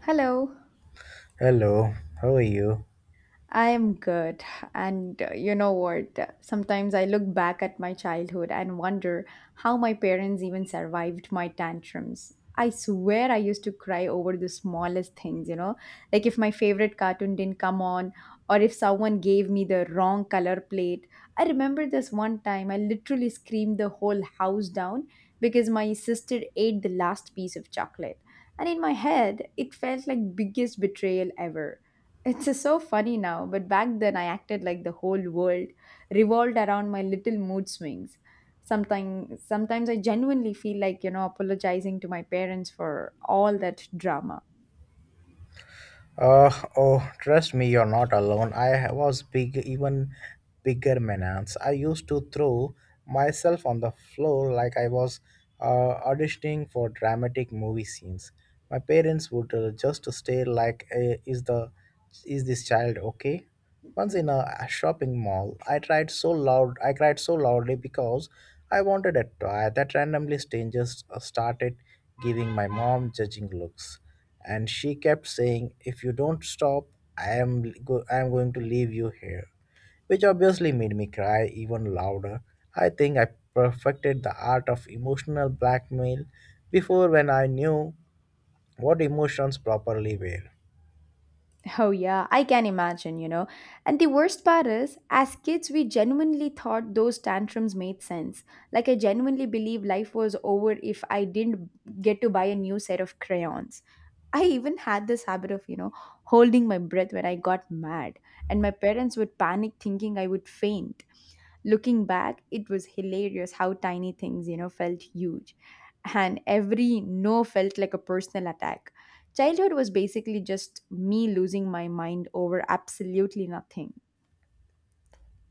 Hello, Hello, how are you? I am good. And you know what? Sometimes I look back at my childhood and wonder how my parents even survived my tantrums. I swear I used to cry over the smallest things, you know, like if my favorite cartoon didn't come on or if someone gave me the wrong color plate. I remember this one time I literally screamed the whole house down because my sister ate the last piece of chocolate. And in my head, it felt like biggest betrayal ever. It's just so funny now, but back then I acted like the whole world revolved around my little mood swings. Sometimes I genuinely feel like you know apologizing to my parents for all that drama. Uh, oh, trust me, you're not alone. I was big, even bigger menace. I used to throw myself on the floor like I was auditioning for dramatic movie scenes. My parents would just stare like, Is this child okay?" Once in a shopping mall, I tried so loud. I cried so loudly because I wanted a toy that randomly strangers started giving my mom judging looks. And she kept saying, "If you don't stop, I am I am going to leave you here," which obviously made me cry even louder. I think I perfected the art of emotional blackmail before when I knew what emotions properly were. Oh, yeah, I can imagine, you know. And the worst part is, as kids, we genuinely thought those tantrums made sense. Like, I genuinely believe life was over if I didn't get to buy a new set of crayons. I even had this habit of, you know, holding my breath when I got mad, and my parents would panic thinking I would faint. Looking back, it was hilarious how tiny things, you know, felt huge. And every no felt like a personal attack. Childhood was basically just me losing my mind over absolutely nothing.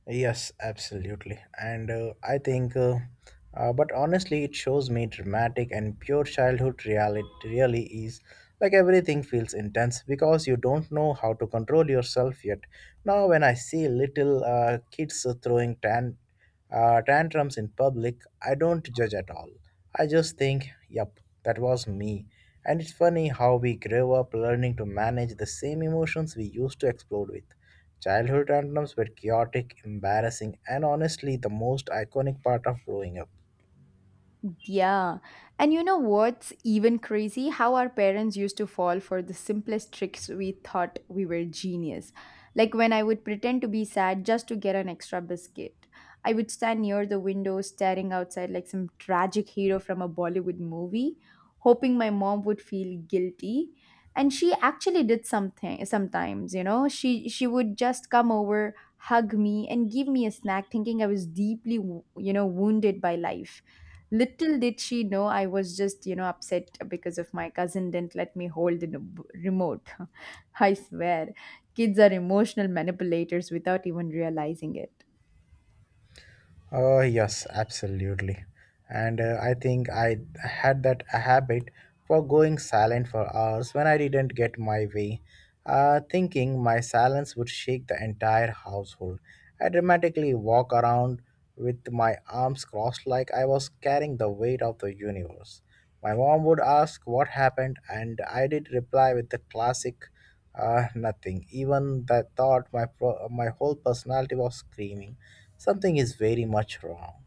Yes, absolutely. But honestly, it shows me dramatic and pure childhood reality really is. Like everything feels intense because you don't know how to control yourself yet. Now, when I see little kids throwing tantrums in public, I don't judge at all. I just think, yep, that was me. And it's funny how we grow up learning to manage the same emotions we used to explode with. Childhood tantrums were chaotic, embarrassing, and honestly the most iconic part of growing up. Yeah. And you know what's even crazy? How our parents used to fall for the simplest tricks we thought we were genius. Like when I would pretend to be sad just to get an extra biscuit. I would stand near the window staring outside like some tragic hero from a Bollywood movie, hoping my mom would feel guilty. And she actually did something sometimes, you know. She would just come over, hug me and give me a snack thinking I was deeply, you know, wounded by life. Little did she know I was just, you know, upset because of my cousin didn't let me hold the remote. I swear, kids are emotional manipulators without even realizing it. Oh, yes, absolutely. And I think I had that habit for going silent for hours when I didn't get my way, thinking my silence would shake the entire household. I dramatically walk around with my arms crossed like I was carrying the weight of the universe. My mom would ask what happened, and I did reply with the classic nothing. Even that thought, my whole personality was screaming something is very much wrong.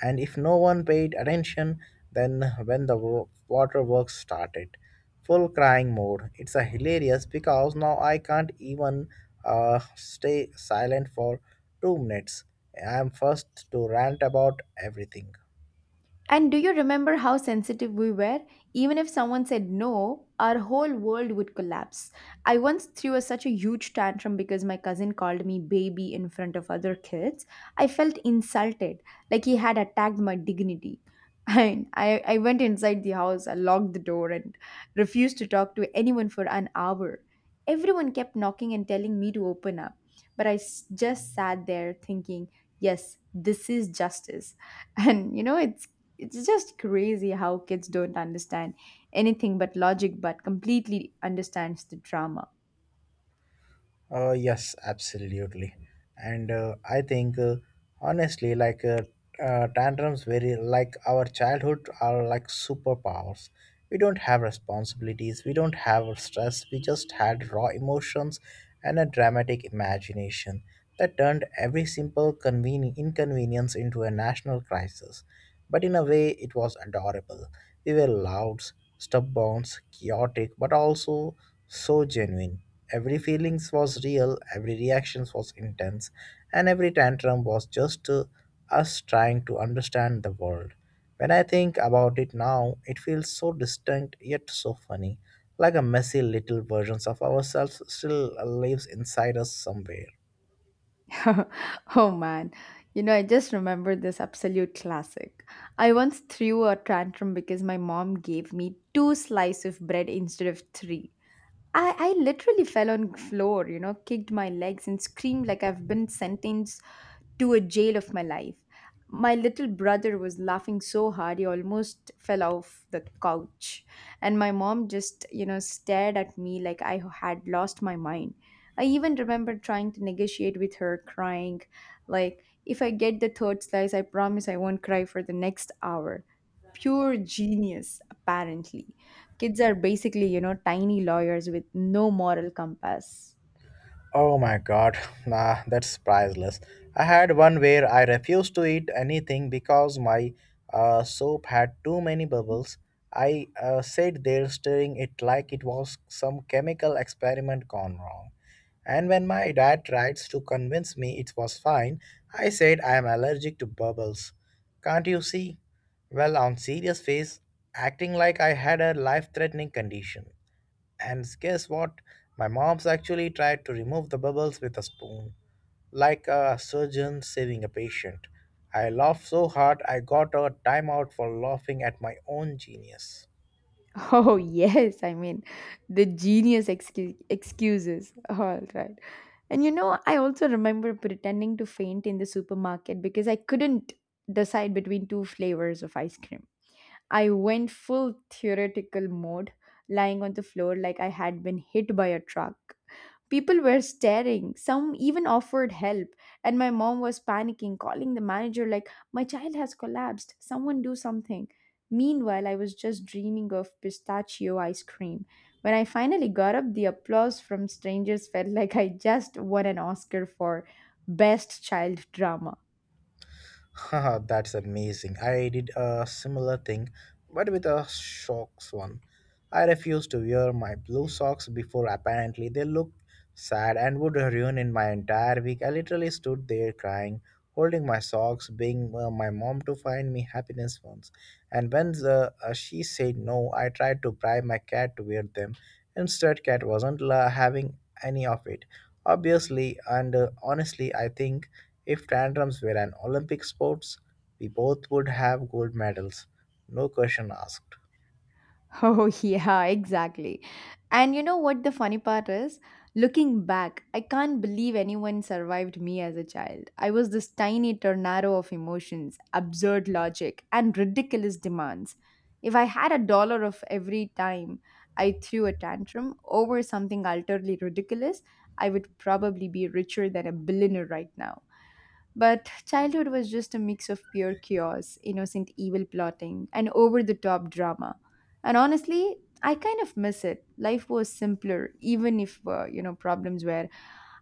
And if no one paid attention, then when the waterworks started, full crying mode. It's a hilarious because now I can't even stay silent for 2 minutes. I'm first to rant about everything. And do you remember how sensitive we were? Even if someone said no, our whole world would collapse. I once threw such a huge tantrum because my cousin called me baby in front of other kids. I felt insulted, like he had attacked my dignity. And I went inside the house, I locked the door, and refused to talk to anyone for an hour. Everyone kept knocking and telling me to open up, but just sat there thinking, yes, this is justice. And you know it's just crazy how kids don't understand anything but logic, but completely understands the drama. Yes, absolutely. And I think, honestly, like Tantrums, very like our childhood are like superpowers. We don't have responsibilities, we don't have stress, we just had raw emotions and a dramatic imagination that turned every simple inconvenience into a national crisis. But in a way, it was adorable. We were loud, stubborn, chaotic, but also so genuine. Every feelings was real, every reactions was intense, and every tantrum was just us trying to understand the world. When I think about it now, it feels so distinct yet so funny, like a messy little versions of ourselves still lives inside us somewhere. Oh man, you know, I just remember this absolute classic. I once threw a tantrum because my mom gave me two slices of bread instead of three. I literally fell on floor, you know, kicked my legs and screamed like I've been sentenced to a jail of my life. My little brother was laughing so hard he almost fell off the couch. And my mom just, you know, stared at me like I had lost my mind. I even remember trying to negotiate with her, crying, like, if I get the third slice, I promise I won't cry for the next hour. Pure genius, apparently. Kids are basically, you know, tiny lawyers with no moral compass. Oh my god, nah, that's priceless. I had one where I refused to eat anything because my soap had too many bubbles. I sat there stirring it like it was some chemical experiment gone wrong. And when my dad tried to convince me it was fine, I said I am allergic to bubbles. Can't you see? Well, on serious face, acting like I had a life-threatening condition. And guess what? My mom's actually tried to remove the bubbles with a spoon, like a surgeon saving a patient. I laughed so hard I got a timeout for laughing at my own genius. Oh, yes, I mean, the genius excuses. All right. And you know, I also remember pretending to faint in the supermarket because I couldn't decide between two flavors of ice cream. I went full theoretical mode, lying on the floor like I had been hit by a truck. People were staring, some even offered help, and my mom was panicking, calling the manager like, my child has collapsed, someone do something. Meanwhile, I was just dreaming of pistachio ice cream. When I finally got up, the applause from strangers felt like I just won an Oscar for Best Child Drama. Haha, that's amazing. I did a similar thing, but with a socks one. I refused to wear my blue socks before apparently they looked sad and would ruin in my entire week. I literally stood there crying, holding my socks, begging my mom to find me happiness once. And when she said no, I tried to bribe my cat to wear them. Instead, cat wasn't la having any of it. Obviously, and honestly, I think if tantrums were an Olympic sports, we both would have gold medals, no question asked. Oh, yeah, exactly. And you know what the funny part is? Looking back, I can't believe anyone survived me as a child. I was this tiny tornado of emotions, absurd logic, and ridiculous demands. If I had a dollar of every time I threw a tantrum over something utterly ridiculous, I would probably be richer than a billionaire right now. But childhood was just a mix of pure chaos, innocent evil plotting, and over the top drama. And honestly, I kind of miss it. Life was simpler, even if, you know, problems were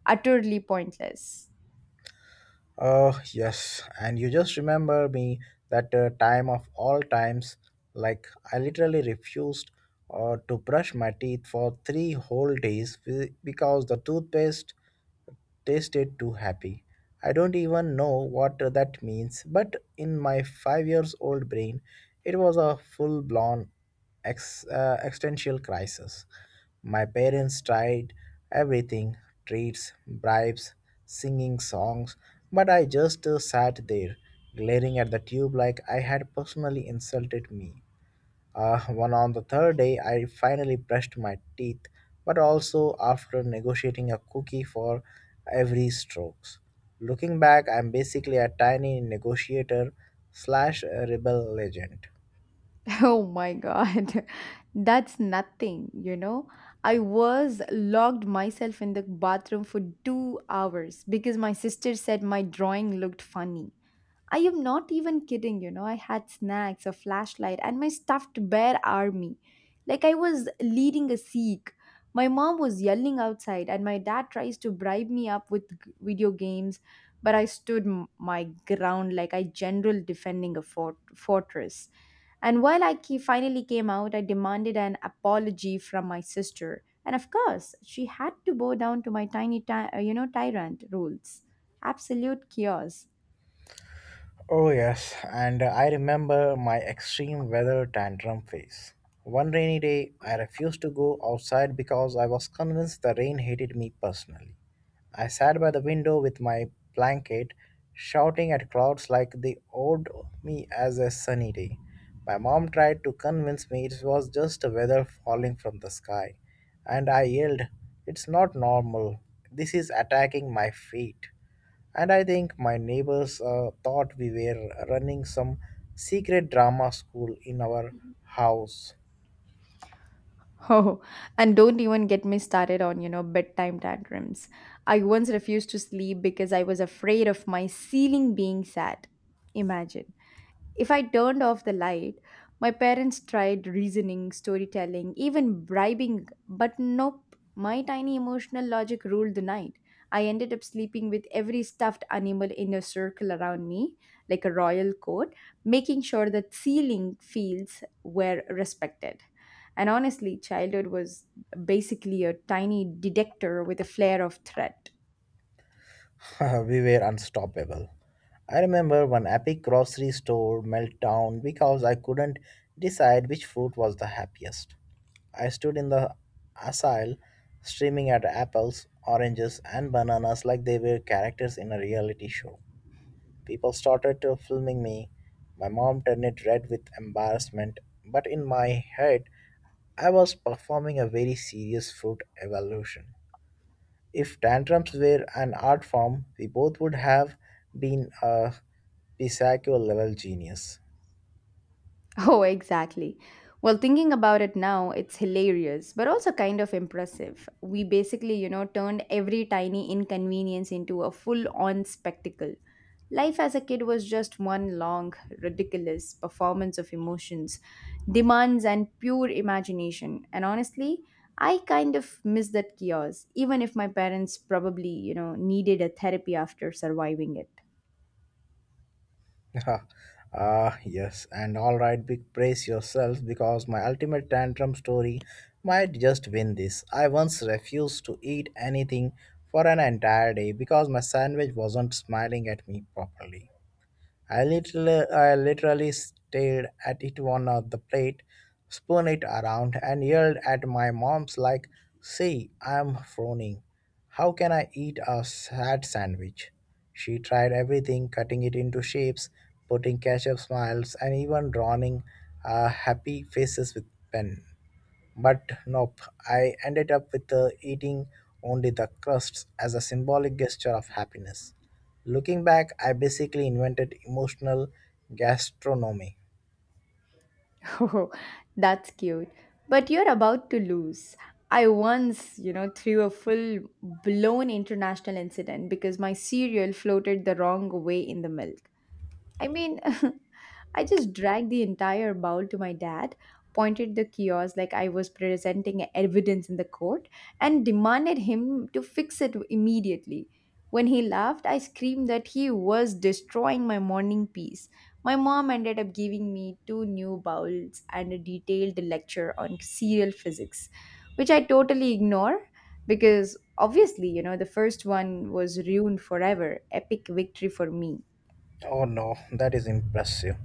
utterly pointless. Oh, yes, and you just remember me that time of all times, like I literally refused to brush my teeth for three whole days because the toothpaste tasted too happy. I don't even know what that means, but in my 5 years old brain, it was a full blown existential crisis. My parents tried everything treats, bribes, singing songs, but I just sat there, glaring at the tube like I had personally insulted me. One on the third day, I finally brushed my teeth, but also after negotiating a cookie for every strokes. Looking back, I'm basically a tiny negotiator slash rebel legend. Oh my God. That's nothing, you know. I was locked myself in the bathroom for 2 hours because my sister said my drawing looked funny. I am not even kidding, you know. I had snacks, a flashlight, and my stuffed bear army. Like I was leading a Sikh. My mom was yelling outside, and my dad tries to bribe me up with video games, but I stood my ground like I general defending a fortress. And while finally came out, I demanded an apology from my sister. And of course, she had to bow down to my tiny, you know, tyrant rules. Absolute chaos. Oh, yes, and I remember my extreme weather tantrum phase. One rainy day, I refused to go outside because I was convinced the rain hated me personally. I sat by the window with my blanket, shouting at clouds like they owed me as a sunny day. My mom tried to convince me it was just the weather falling from the sky, and I yelled, "It's not normal. This is attacking my feet." And I think my neighbors thought we were running some secret drama school in our house. Oh, and don't even get me started on, you know, bedtime tantrums. I once refused to sleep because I was afraid of my ceiling being sad. Imagine. If I turned off the light, my parents tried reasoning, storytelling, even bribing, but nope, my tiny emotional logic ruled the night. I ended up sleeping with every stuffed animal in a circle around me, like a royal court, making sure that ceiling fields were respected. And honestly, childhood was basically a tiny detector with a flare of threat. We were unstoppable. I remember one epic grocery store meltdown because I couldn't decide which fruit was the happiest. I stood in the aisle streaming at apples, oranges, and bananas like they were characters in a reality show. People started to filming me. My mom turned red with embarrassment, but in my head, I was performing a very serious fruit evaluation. If tantrums were an art form, we both would have been a Pisaccio level genius. Oh, exactly. Well, thinking about it now, it's hilarious, but also kind of impressive. We basically, you know, turned every tiny inconvenience into a full on spectacle. Life as a kid was just one long, ridiculous performance of emotions, demands, and pure imagination. And honestly, I kind of miss that chaos, even if my parents probably, you know, needed a therapy after surviving it. Ah, yes, and all right, big praise yourself because my ultimate tantrum story might just win this. I once refused to eat anything for an entire day because my sandwich wasn't smiling at me properly. I literally stared at it on the plate, spun it around, and yelled at my mom's like, "See, I'm frowning. How can I eat a sad sandwich?" She tried everything, cutting it into shapes, putting ketchup smiles, and even drawing happy faces with pen. But nope, I ended up with eating only the crusts as a symbolic gesture of happiness. Looking back, I basically invented emotional gastronomy. Oh, that's cute. But you're about to lose. I once, you know, threw a full blown international incident because my cereal floated the wrong way in the milk. I mean, I just dragged the entire bowl to my dad, pointed the kiosk like I was presenting evidence in the court, and demanded him to fix it immediately. When he laughed, I screamed that he was destroying my morning peace. My mom ended up giving me two new bowls and a detailed lecture on serial physics, which I totally ignore because obviously, you know, the first one was ruined forever. Epic victory for me. Oh no, that is impressive.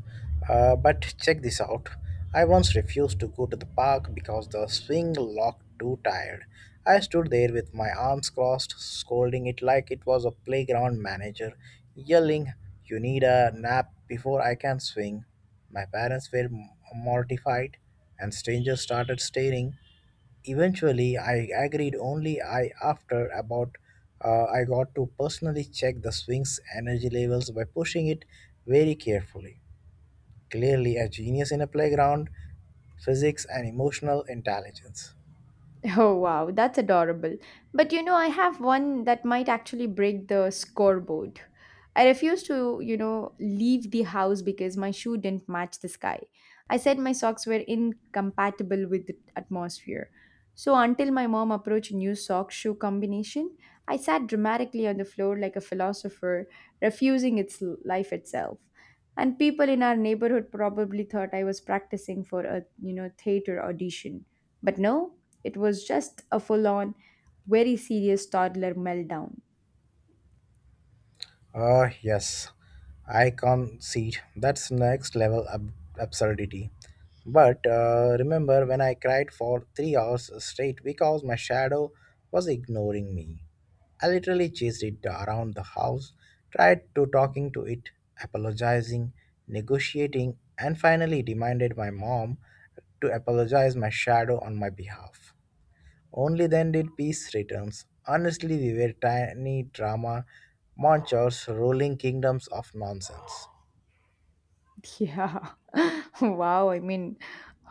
But check this out. I once refused to go to the park because the swing looked too tired. I stood there with my arms crossed, scolding it like it was a playground manager, yelling, "You need a nap before I can swing." My parents were mortified, and strangers started staring. Eventually, I agreed only I after about I got to personally check the swing's energy levels by pushing it very carefully. Clearly, a genius in a playground, physics and emotional intelligence. Oh wow, that's adorable. But you know, I have one that might actually break the scoreboard. I refused to, you know, leave the house because my shoe didn't match the sky. I said my socks were incompatible with the atmosphere. So until my mom approached a new sock shoe combination, I sat dramatically on the floor like a philosopher, refusing its life itself. And people in our neighborhood probably thought I was practicing for a, you know, theater audition. But no, it was just a full on, very serious toddler meltdown. Ah, yes, I concede that's next level absurdity. But remember when I cried for 3 hours straight because my shadow was ignoring me? I literally chased it around the house, tried to talking to it, apologizing, negotiating, and finally demanded my mom to apologize my shadow on my behalf. Only then did peace returns. Honestly, we were tiny drama monsters ruling kingdoms of nonsense. Yeah. Wow. I mean,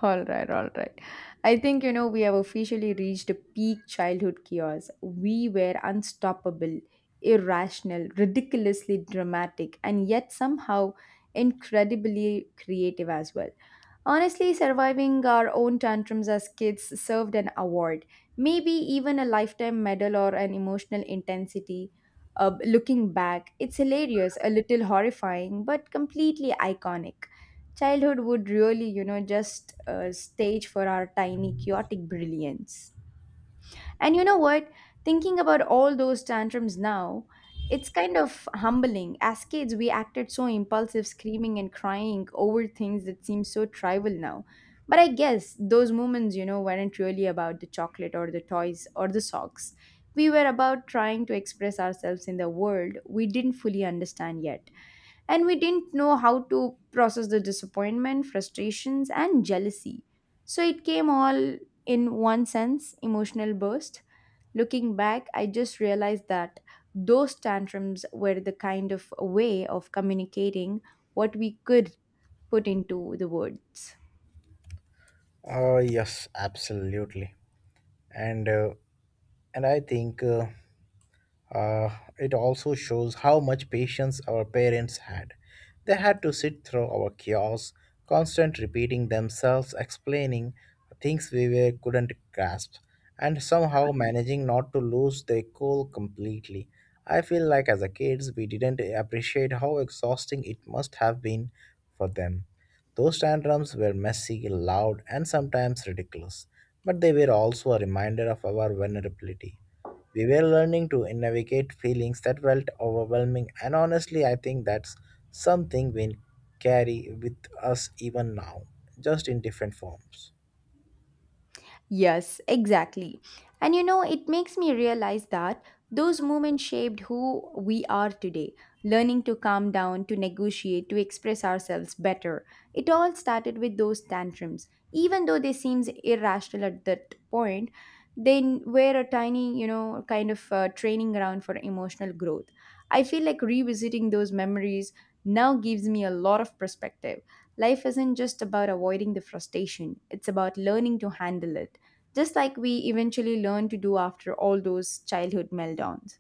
all right, all right. I think, you know, we have officially reached a peak childhood chaos. We were unstoppable, irrational, ridiculously dramatic, and yet somehow incredibly creative as well. Honestly, surviving our own tantrums as kids served an award, maybe even a lifetime medal or an emotional intensity. Looking back, it's hilarious, a little horrifying, but completely iconic. Childhood would really, you know, just a stage for our tiny, chaotic brilliance. And you know what? Thinking about all those tantrums now, it's kind of humbling. As kids, we acted so impulsive, screaming and crying over things that seem so trivial now. But I guess those moments, you know, weren't really about the chocolate or the toys or the socks. We were about trying to express ourselves in the world we didn't fully understand yet. And we didn't know how to process the disappointment, frustrations, and jealousy. So it came all in one sense emotional burst. Looking back, I just realized that those tantrums were the kind of way of communicating what we could put into the words. Oh yes, absolutely. And uh, and I think Uh, it also shows how much patience our parents had. They had to sit through our chaos, constant repeating themselves, explaining things we were, couldn't grasp, and somehow managing not to lose their cool completely. I feel like as a kids we didn't appreciate how exhausting it must have been for them. Those tantrums were messy, loud, and sometimes ridiculous, but they were also a reminder of our vulnerability. We were learning to navigate feelings that felt overwhelming, and honestly, I think that's something we carry with us even now, just in different forms. Yes, exactly. And you know, it makes me realize that those moments shaped who we are today. Learning to calm down, to negotiate, to express ourselves better. It all started with those tantrums. Even though they seemed irrational at that point, they were a tiny, you know, kind of training ground for emotional growth. I feel like revisiting those memories now gives me a lot of perspective. Life isn't just about avoiding the frustration, it's about learning to handle it just like we eventually learn to do after all those childhood meltdowns.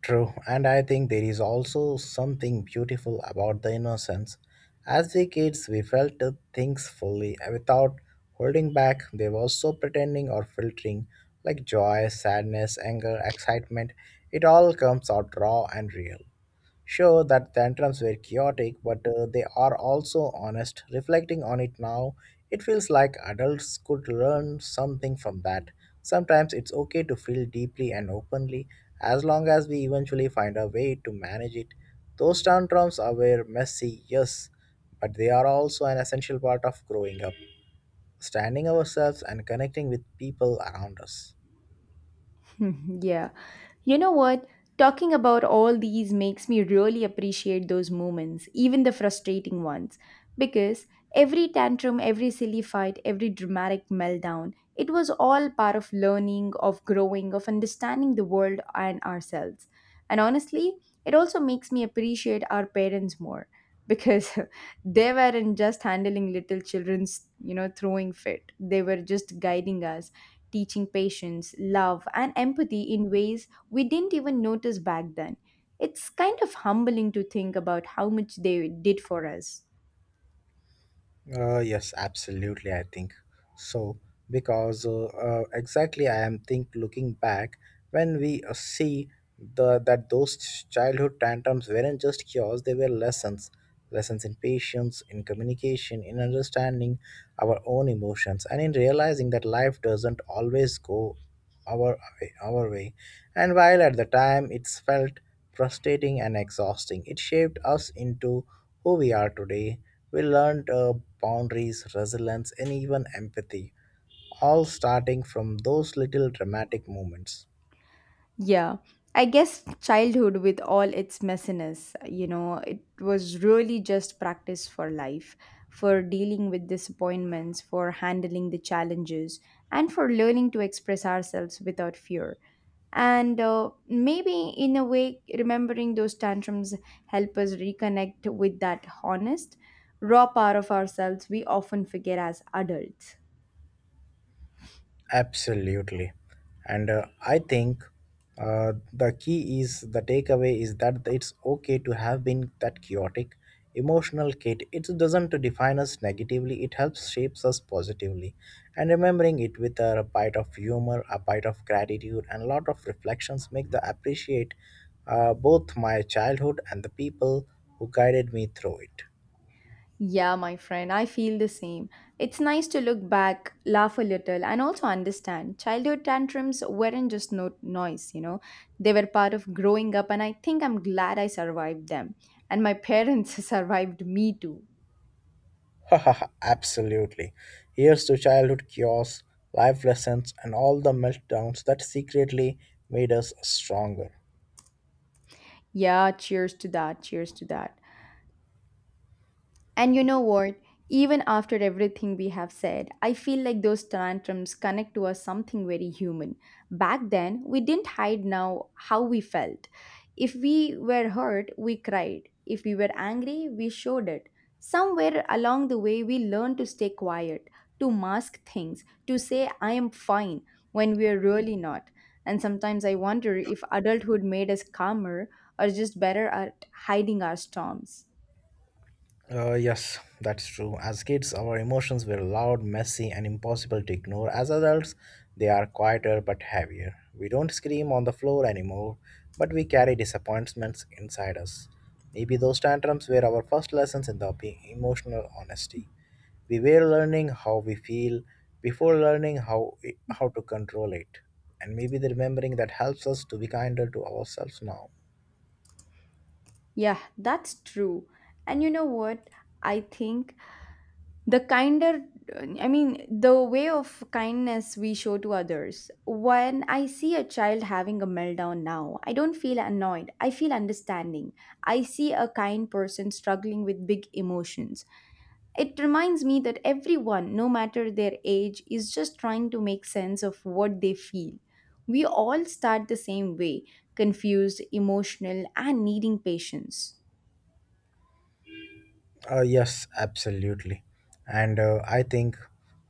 True, and I think there is also something beautiful about the innocence. As the kids, we felt the things fully without holding back. They was so pretending or filtering, like joy, sadness, anger, excitement. It all comes out raw and real. Sure that tantrums were chaotic, but they are also honest. Reflecting on it now, it feels like adults could learn something from that. Sometimes it's okay to feel deeply and openly, as long as we eventually find a way to manage it. Those tantrums are were messy, yes, but they are also an essential part of growing up, standing ourselves and connecting with people around us. Yeah. You know what? Talking about all these makes me really appreciate those moments, even the frustrating ones. Because every tantrum, every silly fight, every dramatic meltdown, it was all part of learning, of growing, of understanding the world and ourselves. And honestly, it also makes me appreciate our parents more because they weren't just handling little children's, you know, throwing fit. They were just guiding us, teaching patience, love, and empathy in ways we didn't even notice back then. It's kind of humbling to think about how much they did for us. Yes, absolutely. I think so because exactly I am think looking back when we see the that those childhood tantrums weren't just cures; they were lessons, lessons in patience, in communication, in understanding our own emotions, and in realizing that life doesn't always go our way. And while at the time it's felt frustrating and exhausting, it shaped us into who we are today. We learned boundaries, resilience, and even empathy, all starting from those little dramatic moments. Yeah, I guess childhood, with all its messiness, you know, it was really just practice for life, for dealing with disappointments, for handling the challenges, and for learning to express ourselves without fear. And maybe in a way remembering those tantrums help us reconnect with that honest raw part of ourselves we often forget as adults. Absolutely. And I think the key is the takeaway is that it's okay to have been that chaotic emotional kid. It doesn't define us negatively, it helps shapes us positively. And remembering it with a bite of humor, a bite of gratitude, and a lot of reflections make the appreciate both my childhood and the people who guided me through it. Yeah my friend, I feel the same. It's nice to look back, laugh a little, and also understand childhood tantrums weren't just noise, you know. They were part of growing up, and I think I'm glad I survived them, and my parents survived me too. Absolutely. Here's to childhood chaos, life lessons, and all the meltdowns that secretly made us stronger. Yeah, cheers to that, cheers to that. And you know what? Even after everything we have said, I feel like those tantrums connect to us something very human. Back then, we didn't hide now how we felt. If we were hurt, we cried. If we were angry, we showed it. Somewhere along the way, we learned to stay quiet, to mask things, to say, I am fine, when we are really not. And sometimes I wonder if adulthood made us calmer or just better at hiding our storms. Yes, that's true. As kids, our emotions were loud, messy, and impossible to ignore. As adults, they are quieter but heavier. We don't scream on the floor anymore, but we carry disappointments inside us. Maybe those tantrums were our first lessons in the emotional honesty. We were learning how we feel before learning how to control it, and maybe the remembering that helps us to be kinder to ourselves now. Yeah, that's true. And you know what? I think the kinder, I mean, the way of kindness we show to others. When I see a child having a meltdown now, I don't feel annoyed. I feel understanding. I see a kind person struggling with big emotions. It reminds me that everyone, no matter their age, is just trying to make sense of what they feel. We all start the same way, confused, emotional, and needing patience. Yes, absolutely, and I think,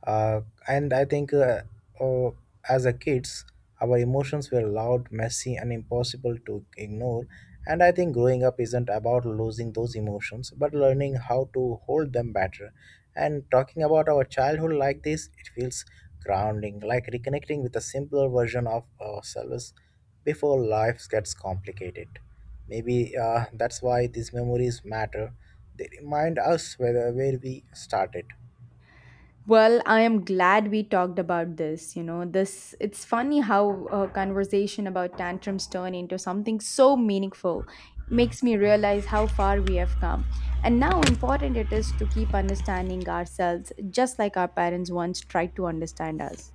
uh, and I think, uh, as a kids, our emotions were loud, messy, and impossible to ignore. And I think growing up isn't about losing those emotions, but learning how to hold them better. And talking about our childhood like this, it feels grounding, like reconnecting with a simpler version of ourselves before life gets complicated. Maybe that's why these memories matter. They remind us whether where we started, Well, I am glad we talked about this. You know, this it's funny how a conversation about tantrums turn into something so meaningful. Makes me realize how far we have come and how important it is to keep understanding ourselves just like our parents once tried to understand us.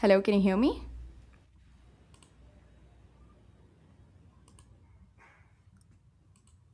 Hello, can you hear me?